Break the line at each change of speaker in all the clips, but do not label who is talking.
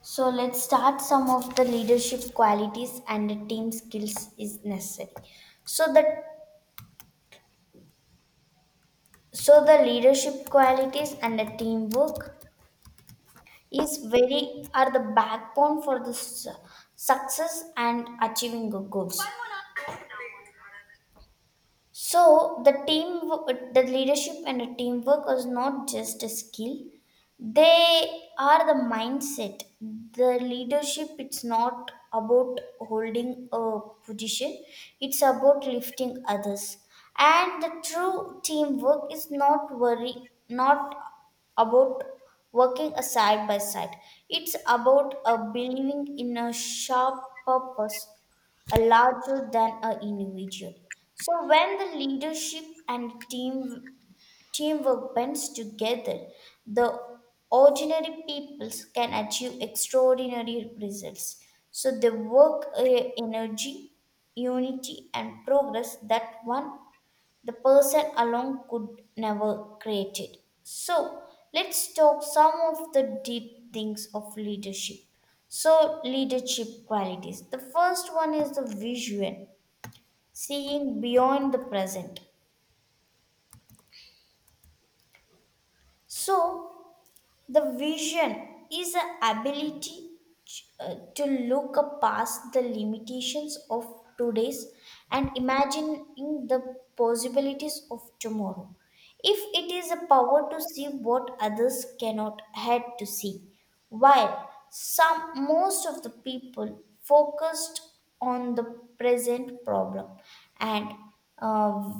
So let's start some of the leadership qualities and the team skills is necessary. So the so the leadership qualities and the teamwork is very are the backbone for the success and achieving the goals. So the team, the leadership and the teamwork is not just a skill; they are the mindset. The leadership, it's not about holding a position; it's about lifting others. And the true teamwork is not worry, not about working a side by side. It's about a believing in a sharp purpose are larger than an individual. So when the leadership and teamwork bends together, the ordinary peoples can achieve extraordinary results. So they work energy, unity, and progress that one the person alone could never create it. So let's talk some of the deep things of leadership. So leadership qualities. The first one is the vision, seeing beyond the present. So the vision is the ability to look past the limitations of today's and imagining the possibilities of tomorrow. If it is a power to see what others cannot had to see, while some most of the people focused on the present problem and uh,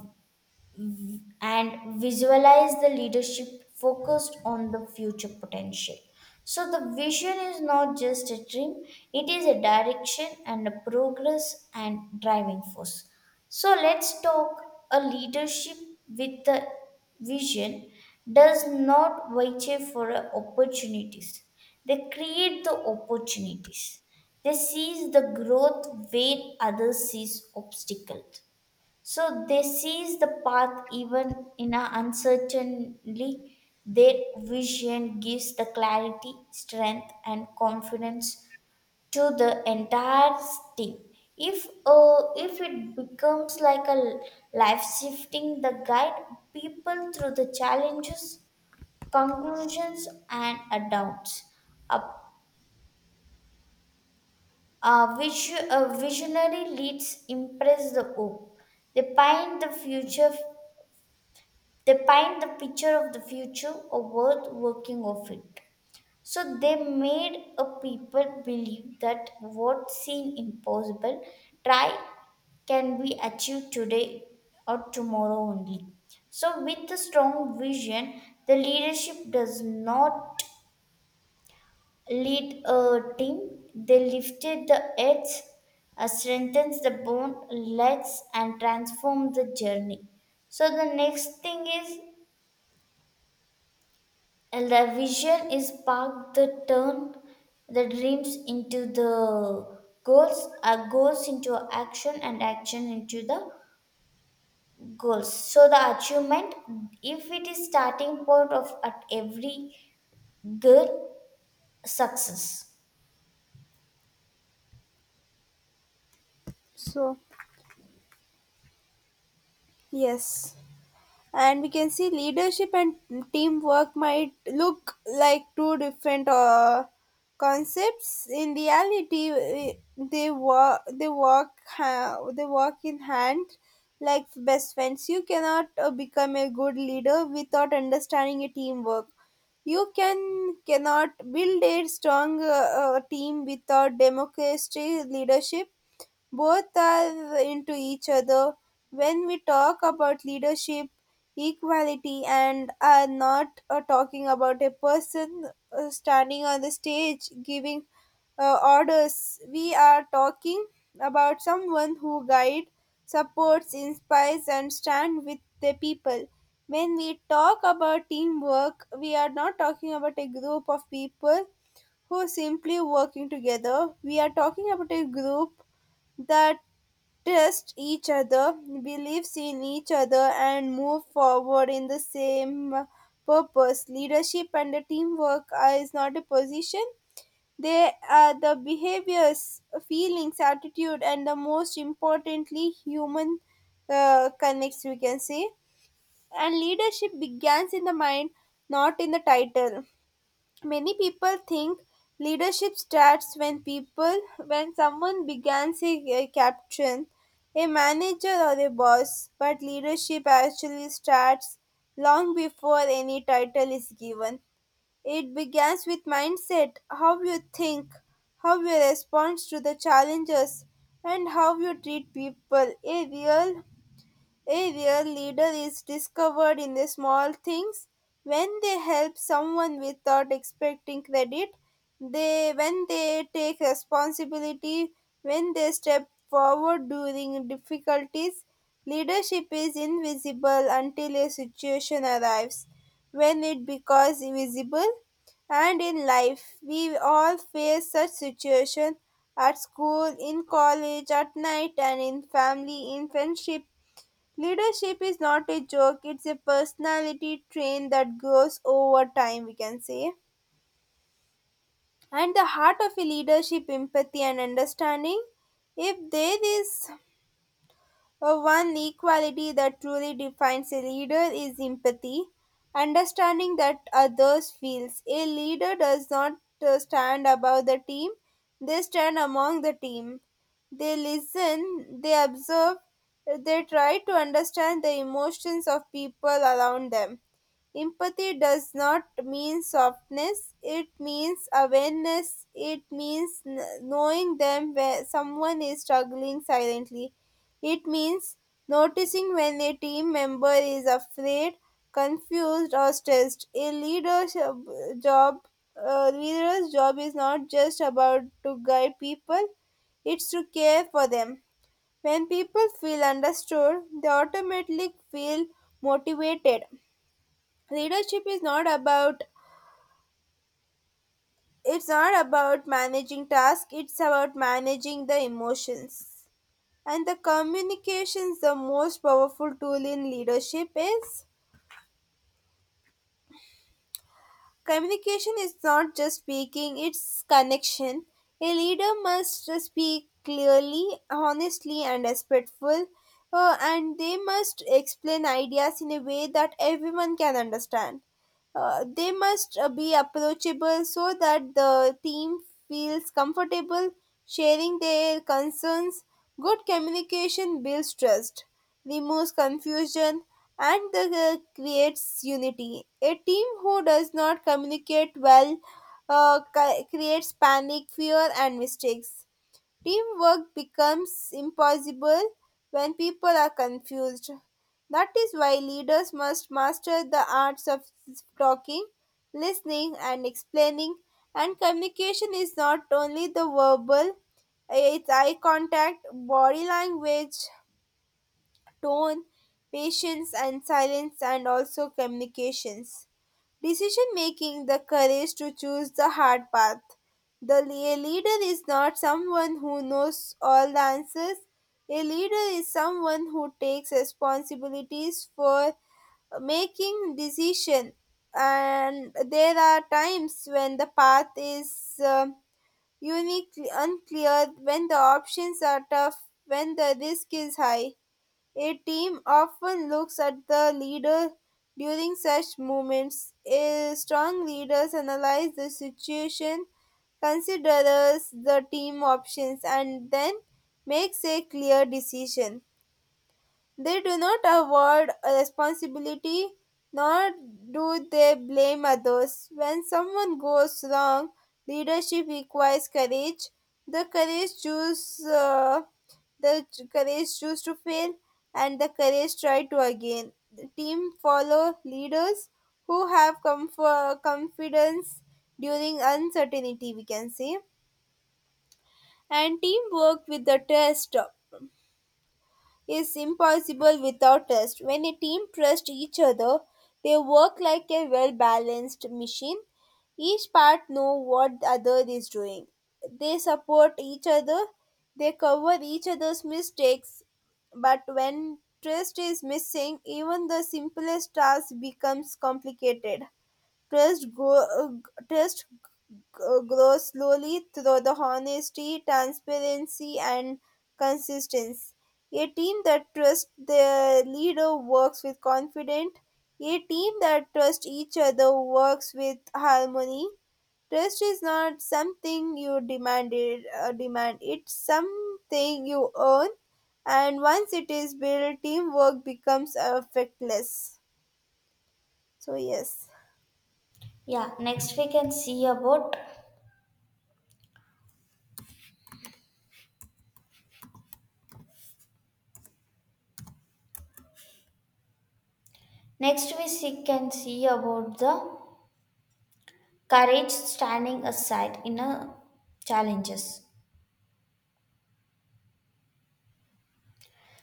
and visualize the leadership focused on the future potential. So, the vision is not just a dream, it is a direction and a progress and driving force. So, let's talk a leadership with the vision does not wait for opportunities, they create the opportunities. They seize the growth where others sees obstacles. So they seize the path even in a uncertainly. Their vision gives the clarity, strength, and confidence to the entire team. If it becomes like a life shifting, the guide people through the challenges, conclusions, and doubts. A, a visionary leads impress the hope. They paint the future They paint the picture of the future or worth working of it. So they made a people believe that what seemed impossible, try can be achieved today or tomorrow only. So with a strong vision, the leadership does not lead a team. They lifted the edge, strengthens the bond, legs, and transform the journey. So the next thing is And the vision is spark the turn the dreams into the goals, our goals into action, and action into the goals. So the achievement, if it is starting point of at every good success.
So, yes. And we can see leadership and teamwork might look like two different concepts. In reality, they work in hand like best friends. You cannot become a good leader without understanding a teamwork. You cannot build a strong team without democracy leadership. Both are into each other. When we talk about leadership, equality, and are not talking about a person standing on the stage giving orders. We are talking about someone who guides, supports, inspires, and stands with the people. When we talk about teamwork, we are not talking about a group of people who simply working together. We are talking about a group that trust each other, believes in each other, and move forward in the same purpose. Leadership and the teamwork are, is not a position. They are the behaviors, feelings, attitude, and the most importantly, human connects, we can say. And leadership begins in the mind, not in the title. Many people think leadership starts when someone begins a captain, a manager or a boss, but leadership actually starts long before any title is given. It begins with mindset, how you think, how you respond to the challenges, and how you treat people. A real leader is discovered in the small things when they help someone without expecting credit, they when they take responsibility, when they step forward during difficulties. Leadership is invisible until a situation arrives. When it becomes visible, and in life, we all face such situation at school, in college, at night, and in family, in friendship. Leadership is not a joke, it's a personality train that grows over time, we can say. And the heart of a leadership, empathy and understanding. If there is one equality that truly defines a leader is empathy, understanding that others feels. A leader does not stand above the team, they stand among the team. They listen, they observe, they try to understand the emotions of people around them. Empathy does not mean softness, it means awareness, it means knowing them where someone is struggling silently. It means noticing when a team member is afraid, confused, or stressed. Job, a leader's job is not just about to guide people; it's to care for them. When people feel understood, they automatically feel motivated. Leadership is not about, it's not about managing tasks, it's about managing the emotions and the communications. The most powerful tool in leadership is communication. Is not just speaking, it's connection. A leader must speak clearly, honestly, and respectful, and they must explain ideas in a way that everyone can understand. They must be approachable so that the team feels comfortable sharing their concerns. Good communication builds trust, removes confusion, and creates unity. A team who does not communicate well creates panic, fear, and mistakes. Teamwork becomes impossible when people are confused. That is why leaders must master the arts of talking, listening, and explaining. And communication is not only the verbal, it's eye contact, body language, tone, patience, and silence, and also communications. Decision making, the courage to choose the hard path. A leader is not someone who knows all the answers. A leader is someone who takes responsibilities for making decision, and there are times when the path is uniquely unclear, when the options are tough, when the risk is high, a team often looks at the leader during such moments. A strong leaders analyze the situation, considers the team options, and then makes a clear decision. They do not avoid responsibility, nor do they blame others. When someone goes wrong, leadership requires courage. The courage choose, uh, the courage choose to fail, and the courage try to again. The team follow leaders who have comfort, confidence during uncertainty, we can say. And teamwork with the test is impossible without trust. When a team trusts each other, they work like a well balanced machine. Each part knows what the other is doing. They support each other, they cover each other's mistakes. But when trust is missing, even the simplest task becomes complicated. Trust, grow, trust g- grows slowly through the honesty, transparency, and consistency. A team that trusts their leader works with confidence. A team that trusts each other works with harmony. Trust is not something you demand. It's something you earn, and once it is built, teamwork becomes effortless. So yes.
Yeah. Next we see, can see about the courage standing aside in a challenges.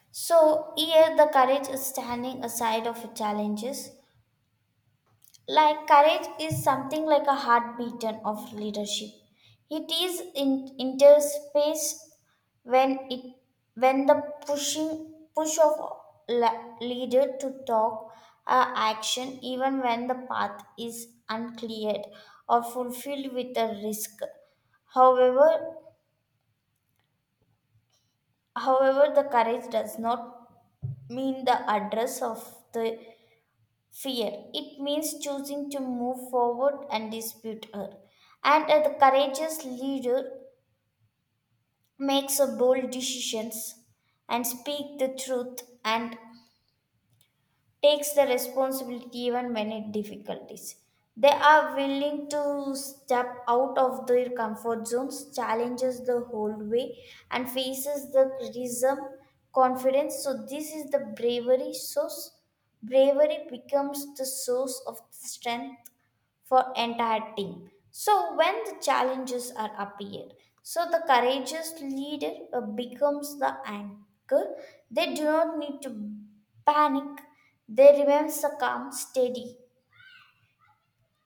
So here the courage is standing aside of challenges. Like courage is something like a heartbeat of leadership. It is in interspace when it when the pushing push of leader to talk action even when the path is uncleared or fulfilled with a risk. However, however, the courage does not mean the address of the fear. It means choosing to move forward and dispute her. And the courageous leader makes a bold decisions and speak the truth and takes the responsibility even when it difficulties. They are willing to step out of their comfort zones, challenges the whole way, and faces the criticism, confidence. So this is the bravery source. Bravery becomes the source of strength for entire team. So when the challenges are appeared, so the courageous leader becomes the anchor. They do not need to panic. They remain calm, steady,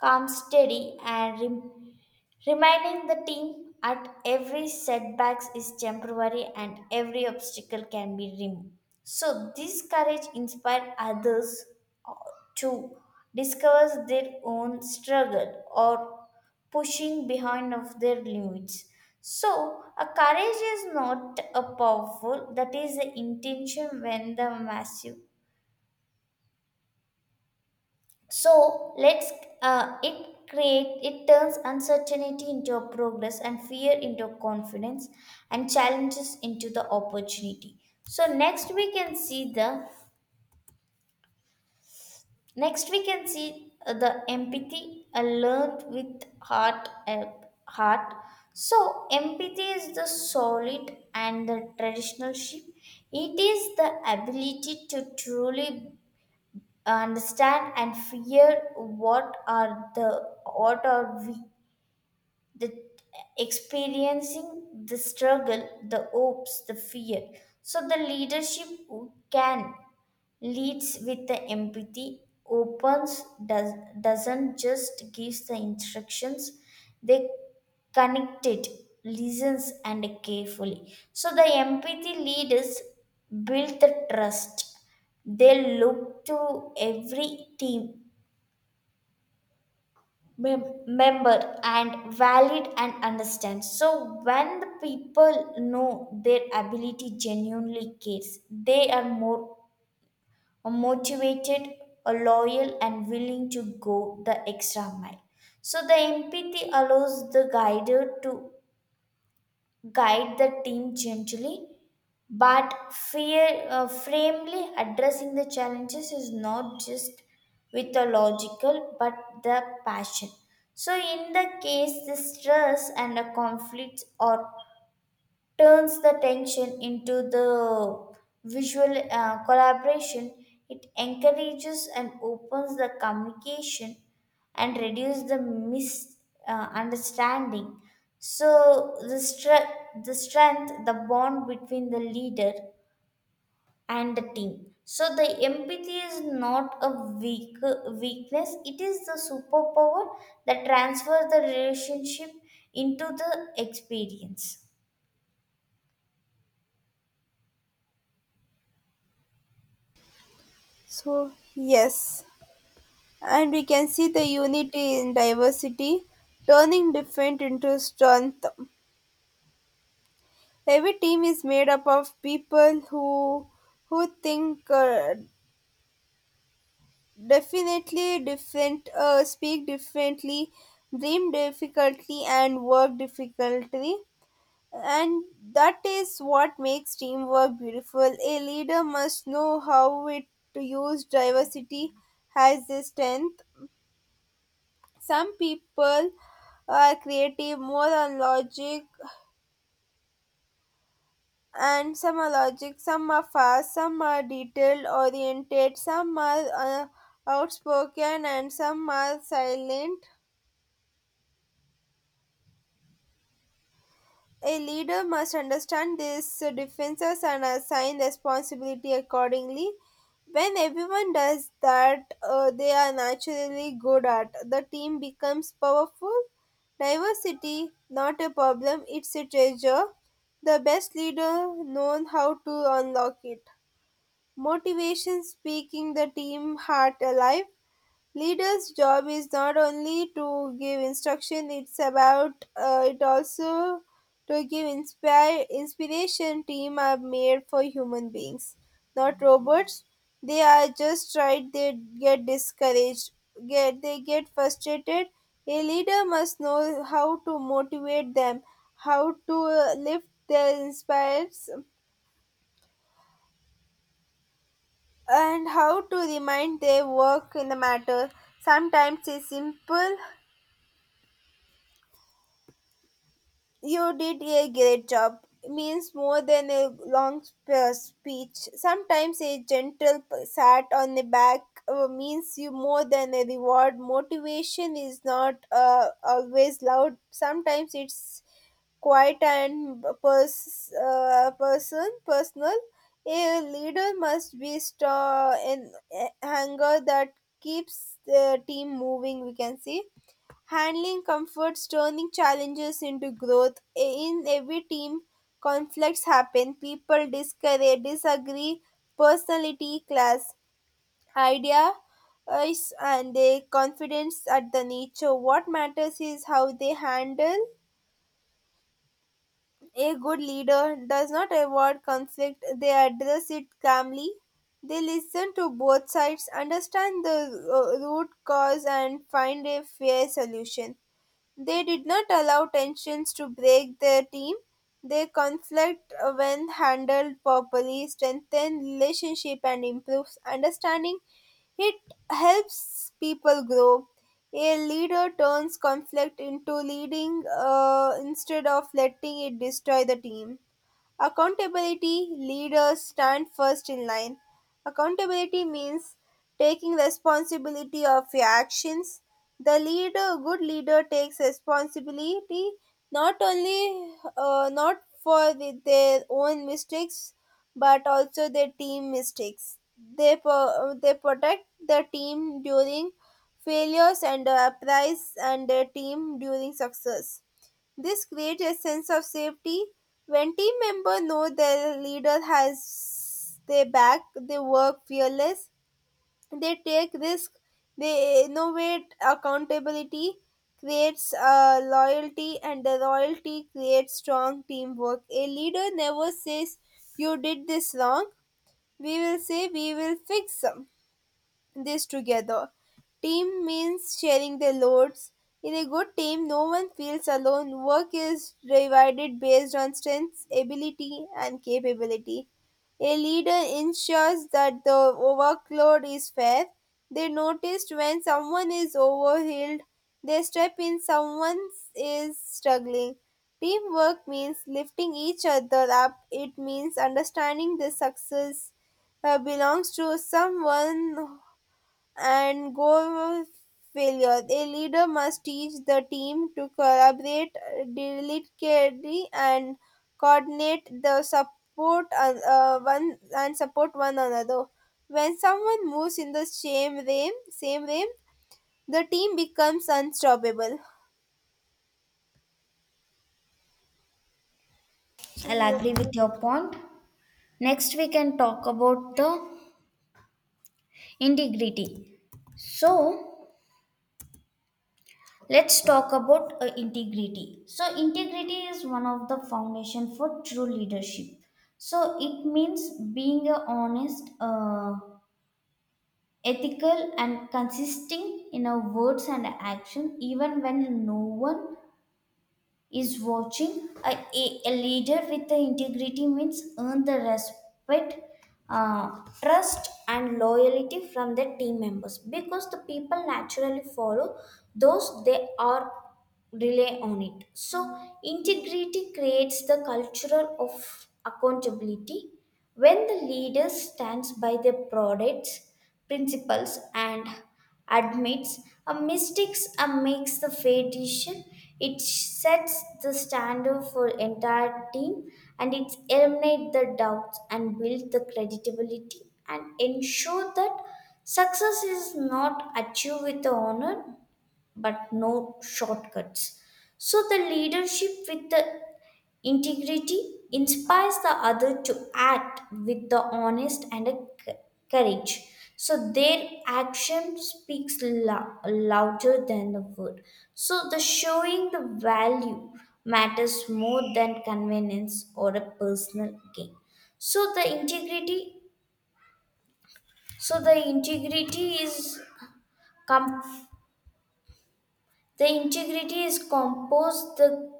calm, steady, and rem- reminding the team at every setbacks is temporary and every obstacle can be removed. So this courage inspired others uh, to discover their own struggle or pushing behind of their limits. So a courage is not a powerful that is the intention when the massive so let's it create it turns uncertainty into a progress and fear into confidence and challenges into the opportunity. So next we can see the empathy learned with heart. So empathy is the solid and the traditional shape. It is the ability to truly understand and fear what are the what are we the experiencing the struggle the hopes the fear so the leadership who can leads with the empathy doesn't just gives the instructions they connect it listens and carefully so the empathy leaders build the trust they look to every team member and valid and understand so when the people know their ability genuinely cares they are more are motivated, are loyal, and willing to go the extra mile. So the empathy allows the guider to guide the team gently, but fear firmly addressing the challenges is not just with the logical but the passion. So in the case the stress and the conflicts are turns the tension into the visual collaboration. It encourages and opens the communication and reduces the misunderstanding. So the strength, the bond between the leader and the team. So the empathy is not a weak weakness; it is the superpower that transfers the relationship into the experience.
So yes. And we can see the unity in diversity, turning defeat into strength. Every team is made up of people who think definitely different, speak differently, dream difficultly, and work difficultly. And that is what makes teamwork beautiful. A leader must know how it to use diversity as a strength. Some people are creative, more on logic, and some are logic, some are fast, some are detail oriented, some are outspoken, and some are silent. A leader must understand these differences and assign responsibility accordingly. When everyone does that, they are naturally good at. The team becomes powerful. Diversity, not a problem, it's a treasure. The best leader knows how to unlock it. Motivation speaking the team heart alive. Leader's job is not only to give instruction, it's about it also to give inspire inspiration. Team are made for human beings, not robots. They are just right. They get discouraged. Get They get frustrated. A leader must know how to motivate them, how to lift their inspires, and how to remind their work in the matter. Sometimes it's simple. You did a great job means more than a long speech. Sometimes a gentle pat on the back means you more than a reward. Motivation is not always loud. Sometimes it's quiet and personal. A leader must be strong and anger that keeps the team moving, we can see. Handling comforts turning challenges into growth. In every team, conflicts happen. People discourage, disagree, personality clash, idea is and their confidence at the nature. What matters is how they handle. A good leader does not avoid conflict, they address it calmly. They listen to both sides, understand the root cause, and find a fair solution. They did not allow tensions to break their team. Their conflict, when handled properly, strengthens relationship and improves understanding. It helps people grow. A leader turns conflict into leading instead of letting it destroy the team. Accountability leaders stand first in line. Accountability means taking responsibility of your actions. The leader, good leader, takes responsibility not for the, their own mistakes but also their team mistakes. They protect the team during failures and appraise and their team during success. This creates a sense of safety. When team members know their leader has their back, they work fearless, they take risk. They innovate accountability, creates loyalty, and the loyalty creates strong teamwork. A leader never says, You did this wrong. We will say, We will fix them this together. Team means sharing the loads. In a good team, no one feels alone. Work is divided based on strengths, ability, and capability. A leader ensures that the workload is fair. They noticed when someone is overhealed, they step in someone is struggling. Teamwork means lifting each other up. It means understanding the success belongs to someone and go of failure. A leader must teach the team to collaborate delicately and coordinate the support and, one and support one another. When someone moves in the same realm, the team becomes unstoppable.
I'll
So
agree with your point. Next, we can talk about the integrity. So, let's talk about integrity. So, integrity is one of the foundation for true leadership. So, it means being a honest, ethical, and consistent in our words and action, even when no one is watching. A leader with the integrity means earn the respect, trust, and loyalty from their team members because the people naturally follow those they are rely on it. So integrity creates the culture of accountability when the leader stands by their products, principles, and admits a mistakes and makes the fair decision, it sets the standard for entire team and it eliminates the doubts and build the credibility and ensure that success is not achieved with the honor but no shortcuts. So the leadership with the integrity inspires the other to act with the honest and a c- courage. So their action speaks louder than the word. So the showing the value matters more than convenience or a personal gain. So the integrity, so the integrity is come The integrity is composed the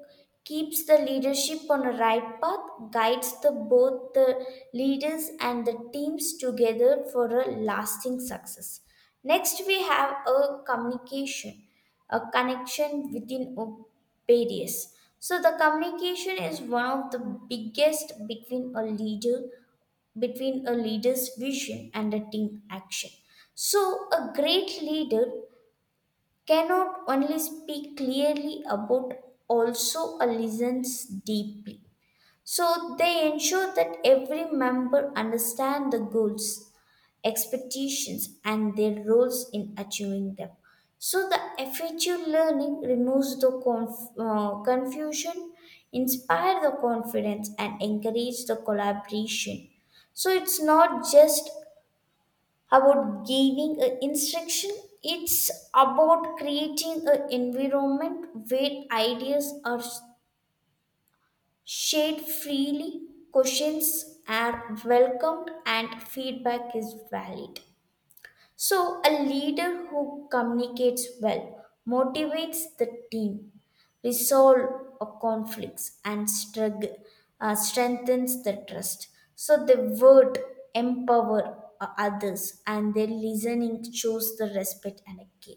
keeps the leadership on a right path, guides the both the leaders and the teams together for a lasting success. Next we have a communication, a connection within obedience. So the communication is one of the biggest between a leader's vision and a team action. So a great leader cannot only speak clearly about also listens deeply so they ensure that every member understands the goals expectations and their roles in achieving them so the effective learning removes the confusion inspire the confidence and encourage the collaboration so it's not just about giving a instruction it's about creating an environment where ideas are shared freely questions are welcomed and feedback is valid so a leader who communicates well motivates the team resolve of conflicts and struggle, strengthens the trust. So they would empower others and their listening shows the respect and care.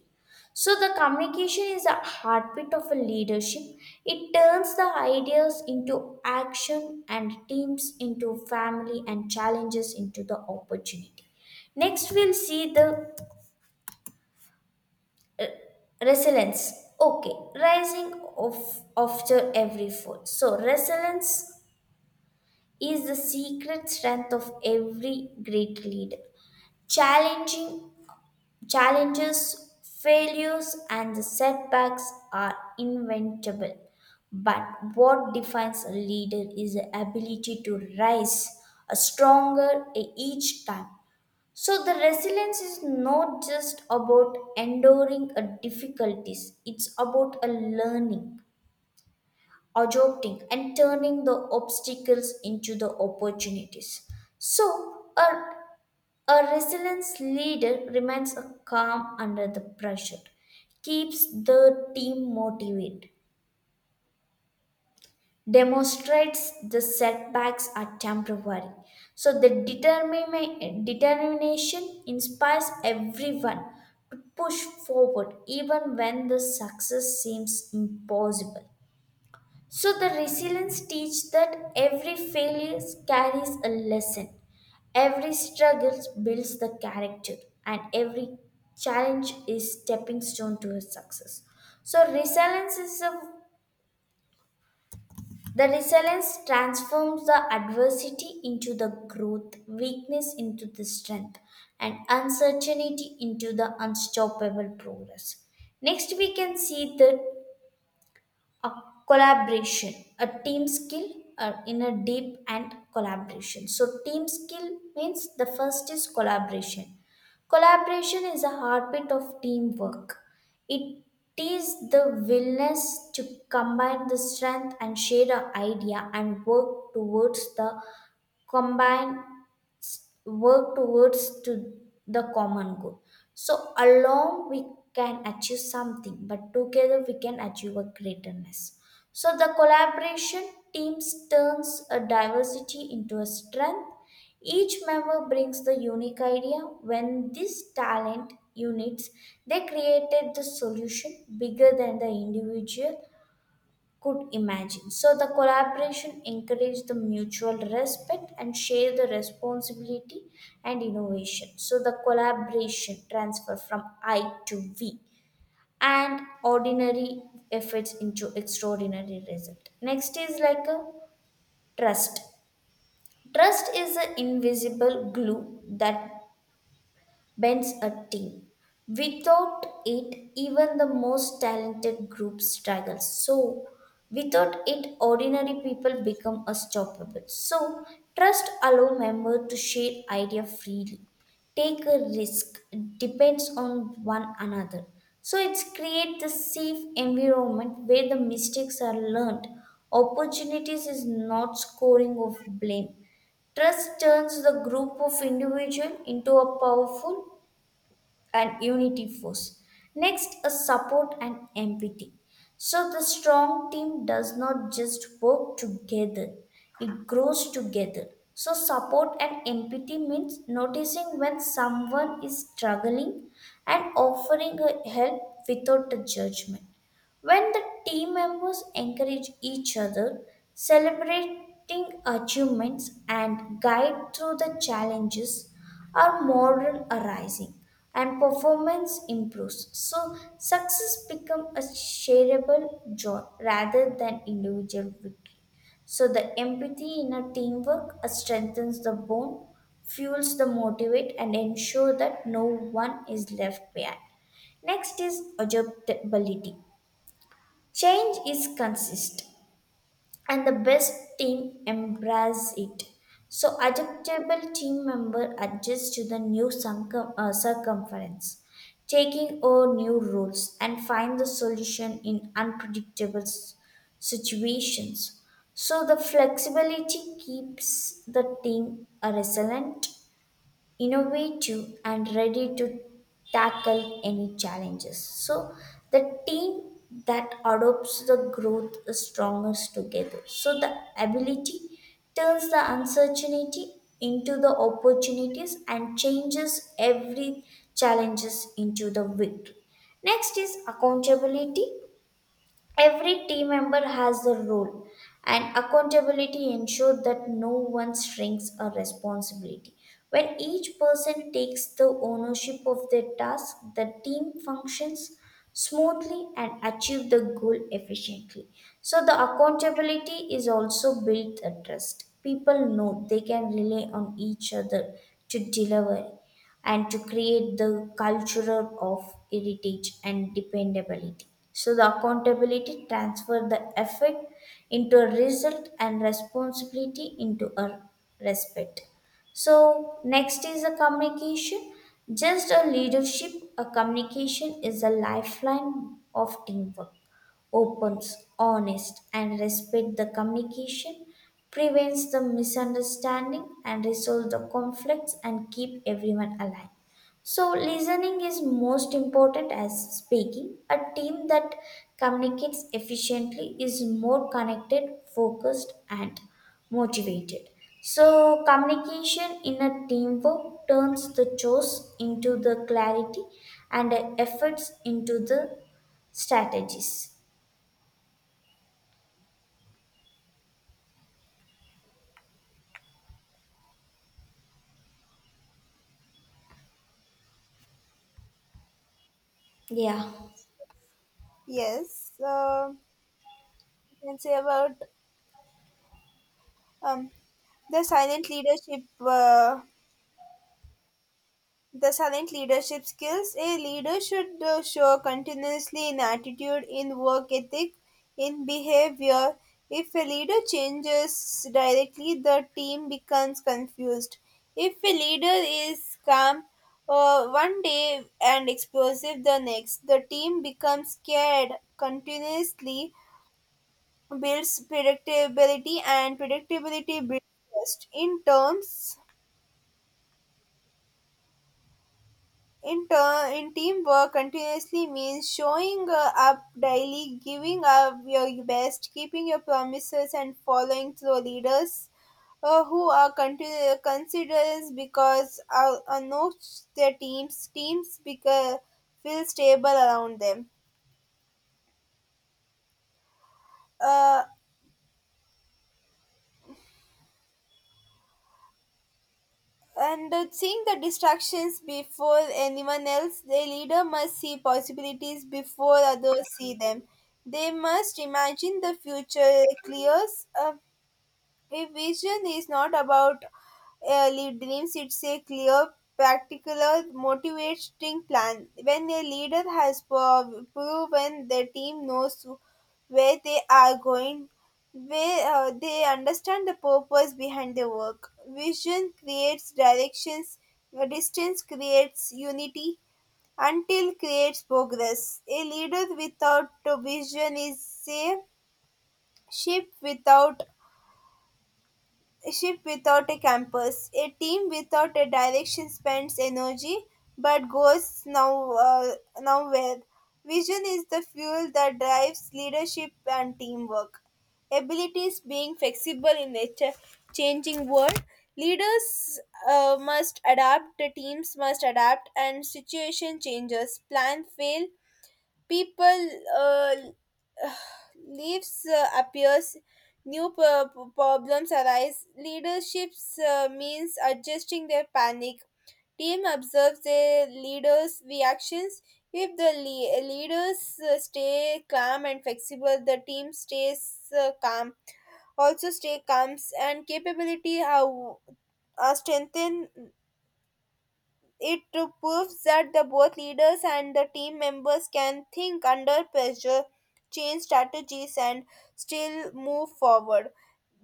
So the communication is the heartbeat of a leadership. It turns the ideas into action and teams into family and challenges into the opportunity. Next, we'll see the resilience. Okay, rising of after every fall. So resilience is the secret strength of every great leader. Challenging challenges, failures, and the setbacks are inventable. But what defines a leader is the ability to rise a stronger each time. So the resilience is not just about enduring a difficulties, it's about a learning, adopting and turning the obstacles into the opportunities. So a resilience leader remains a calm under the pressure, keeps the team motivated demonstrates the setbacks are temporary. So the determination inspires everyone to push forward even when the success seems impossible. So the resilience teaches that every failure carries a lesson. Every struggle builds the character, and every challenge is stepping stone to a success. So resilience is a the resilience transforms the adversity into the growth, weakness into the strength, and uncertainty into the unstoppable progress. Next, we can see the a collaboration a team skill or in a deep and collaboration so team skill means the first is collaboration collaboration is a heartbeat of teamwork it is the willingness to combine the strength and share an idea and work towards the combined work towards to the common goal so alone we can achieve something but together we can achieve a greatness so the collaboration teams turns a diversity into a strength each member brings the unique idea when these talent units they created the solution bigger than the individual could imagine. So the collaboration encouraged the mutual respect and share the responsibility and innovation. So the collaboration transfer from I to we and ordinary efforts into extraordinary result. Next is like a trust. Trust is an invisible glue that bends a team. Without it, even the most talented group struggles. So, without it, ordinary people become unstoppable. So, trust allow member to share idea freely, take a risk, depends on one another. So, it's create the safe environment where the mistakes are learned. Opportunities is not scoring of blame. Trust turns the group of individual into a powerful and unity force. Next, a support and empathy. So the strong team does not just work together, it grows together. So support and empathy means noticing when someone is struggling and offering a help without a judgment. When the team members encourage each other, celebrating achievements and guide through the challenges, our moral arising and performance improves. So success becomes a shareable joy rather than individual victory. So the empathy in a teamwork strengthens the bond, fuels the motivate, and ensure that no one is left behind. Next is adaptability. Change is consist and the best team embrace it. So adaptable team member adjust to the new circumference, taking over new roles and find the solution in unpredictable situations. So the flexibility keeps the team resilient innovative and ready to tackle any challenges. So the team that adopts the growth is strongest together. So the ability turns the uncertainty into the opportunities and changes every challenges into the victory. Next is accountability. Every team member has a role, and accountability ensures that no one shrinks a responsibility. When each person takes the ownership of their task, the team functions smoothly and achieves the goal efficiently. So the accountability is also built a trust. People know they can rely on each other to deliver and to create the culture of heritage and dependability. So the accountability transfer the effect into a result and responsibility into a respect. So next is a communication. Just a leadership, a communication is a lifeline of teamwork opens, honest, and respect the communication, prevents the misunderstanding, and resolve the conflicts and keep everyone aligned. So, listening is most important as speaking. A team that communicates efficiently is more connected, focused, and motivated. So, communication in a teamwork turns the chores into the clarity and the efforts into the strategies. Yeah.
yes, you can say about um, the silent leadership. The silent leadership skills a leader should show continuously in attitude, in work ethic, in behavior. If a leader changes directly, the team becomes confused. If a leader is calm one day and explosive the next, the team becomes scared continuously, builds predictability, and predictability builds trust. In turn in teamwork continuously means showing up daily, giving up your best, keeping your promises and following through. Leaders considerers because know their teams because feel stable around them, uh, and seeing the distractions before anyone else. The leader must see possibilities before others see them, they must imagine the future clears up. If vision is not about dreams, it's a clear, practical, motivating plan. When a leader has proven, the team knows where they are going, where they understand the purpose behind their work. Vision creates directions, distance creates unity, until creates progress. A leader without a vision is a ship without a ship without a compass, a team without a direction spends energy but goes nowhere. Vision is the fuel that drives leadership and teamwork. Abilities being flexible in nature, changing world, leaders must adapt, the teams must adapt, and situation changes. Plan fail, people uh, leaves appears new problems arise leaderships means adjusting their panic team observes their leaders reactions if the leaders stay calm and flexible the team stays calm also stay calm and capability how are strengthened it proves that the both leaders and the team members can think under pressure, change strategies, and still move forward.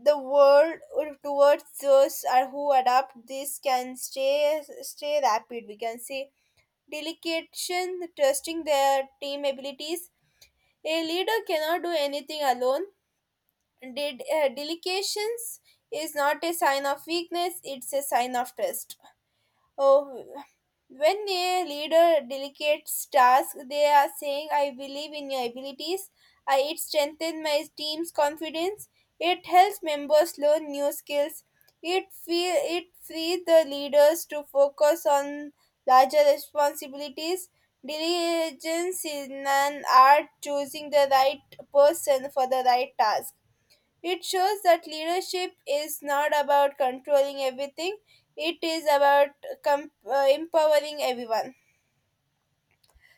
The world towards those are who adapt this can stay rapid. We can say delegation, trusting their team abilities. A leader cannot do anything alone. Did delegations is not a sign of weakness; it's a sign of trust. Oh, when a leader delegates tasks, they are saying, I believe in your abilities. It strengthens my team's confidence. It helps members learn new skills. It frees the leaders to focus on larger responsibilities. Diligence is an art choosing the right person for the right task. It shows that leadership is not about controlling everything, it is about empowering everyone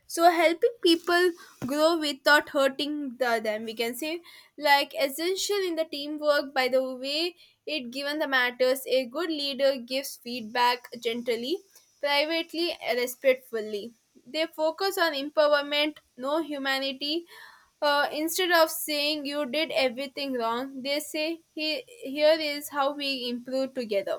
so helping people grow without hurting them we can say like essential in the teamwork by the way it given the matters a good leader gives feedback gently privately and respectfully they focus on empowerment no humanity instead of saying you did everything wrong they say here is how we improve together.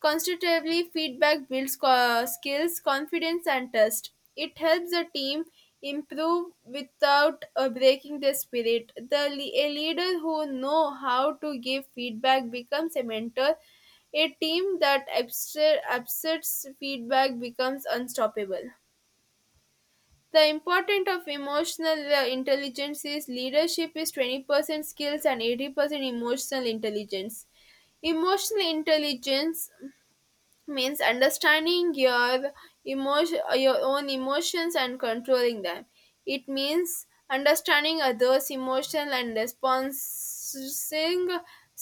Constructively feedback builds skills, confidence, and trust. It helps the team improve without breaking their spirit. A leader who know how to give feedback becomes a mentor. A team that accepts feedback becomes unstoppable. The importance of emotional intelligence is leadership is 20% skills and 80% emotional intelligence. Emotional intelligence means understanding your emotion your own emotions and controlling them it means understanding others emotional and responding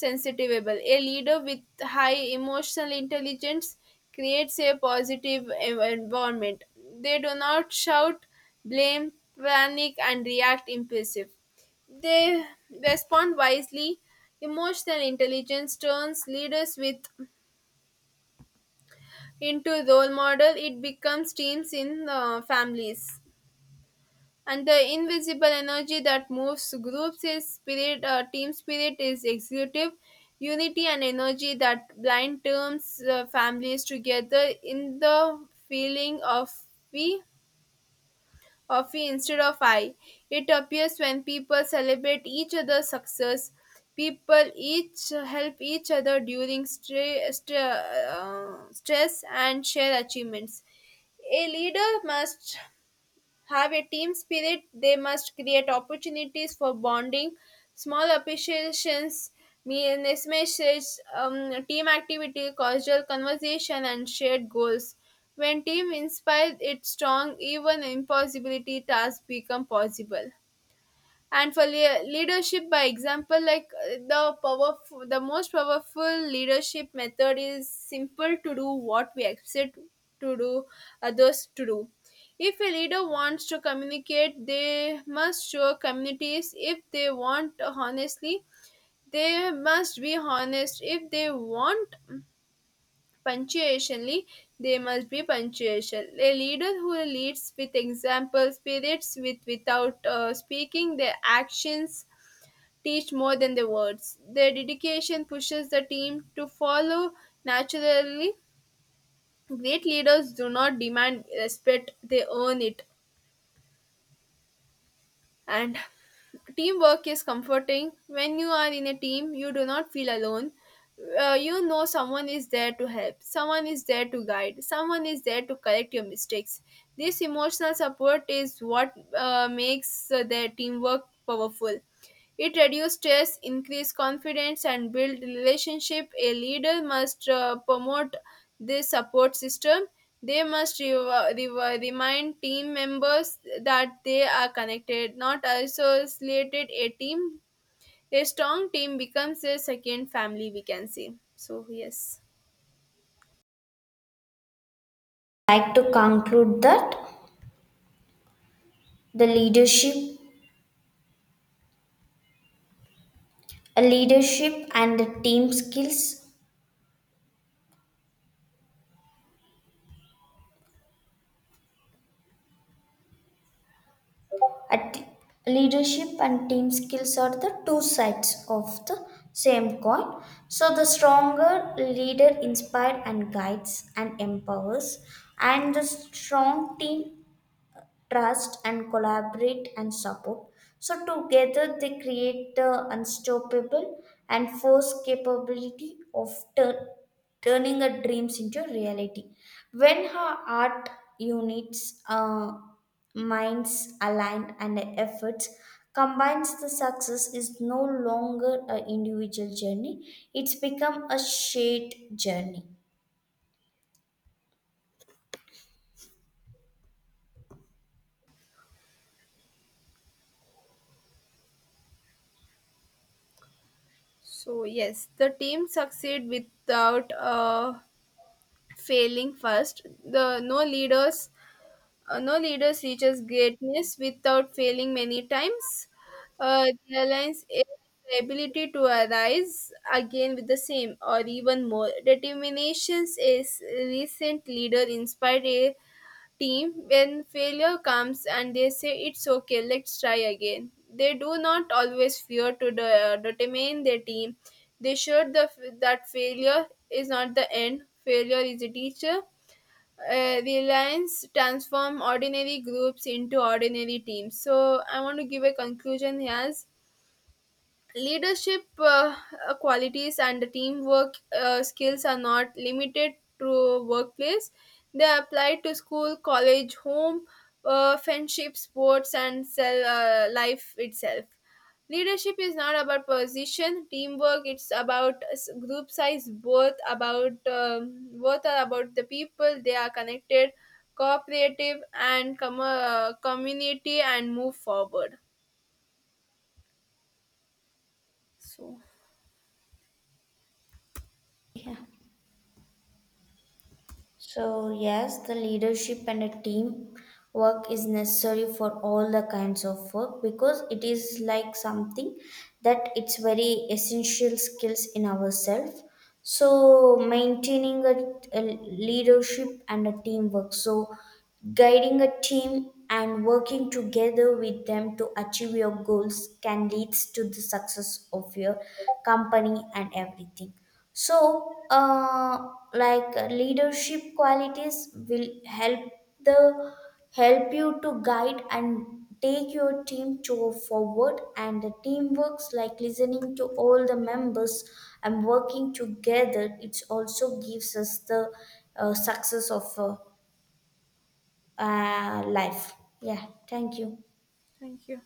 sensitivable a leader with high emotional intelligence creates a positive environment they do not shout blame panic and react impulsive they respond wisely emotional intelligence turns leaders with into role model it becomes teams in families and the invisible energy that moves groups is spirit team spirit is executive unity and energy that blind terms families together in the feeling of we we instead of I. It appears when people celebrate each other's success. People each help each other during stress and share achievements. A leader must have a team spirit, they must create opportunities for bonding. Small appreciations, mean messages, team activity, casual conversation, and shared goals. When team inspires, it's strong. Even impossibility tasks become possible and for leadership by example like the powerful the most powerful leadership method is simple to do what we expect to do others to do if a leader wants to communicate they must show communities if they want honestly they must be honest if they want punctuationally they must be punctual. A leader who leads with example spirits with without speaking their actions teach more than their words. Their dedication pushes the team to follow naturally. Great leaders do not demand respect, they earn it. And teamwork is comforting. When you are in a team, you do not feel alone. Someone is there to help, someone is there to guide, someone is there to correct your mistakes. This emotional support is what makes their teamwork powerful. It reduces stress, increase confidence, and build relationship. A leader must promote this support system. They must remind team members that they are connected, not isolated. A team, a strong team becomes a second family. We can say so. Yes.
I'd like to conclude that the leadership, a leadership and the team skills, a t- leadership and team skills are the two sides of the same coin. So the stronger leader inspires and guides and empowers, and the strong team trust and collaborate and support. So together they create the unstoppable and force capability of tur- turning a dreams into reality. When her art units, minds align and efforts combines the success is no longer an individual journey. It's become a shared journey.
So yes, the team succeed without failing first. The no leaders No leaders reaches greatness without failing many times. The alliance is the ability to arise again with the same or even more. Determinations is recent leader inspired a team when failure comes and they say it's okay, let's try again. They do not always fear to determine their team. They showed that failure is not the end. Failure is a teacher. Reliance transform ordinary groups into ordinary teams. So I want to give a conclusion as leadership qualities and the teamwork skills are not limited to workplace they apply to school college home friendship sports and cell, life itself. Leadership is not about position teamwork it's about group size both about both are about the people they are connected cooperative and community and move forward so
Yeah. So, yes, the leadership and a team work is necessary for all the kinds of work because it is like something that it's very essential skills in ourselves. So, maintaining a leadership and a teamwork. So, guiding a team and working together with them to achieve your goals can lead to the success of your company and everything. So, leadership qualities will help the help you to guide and take your team to forward. And the team works like listening to all the members and working together. It also gives us the success of life. Yeah. Thank you.
thank you.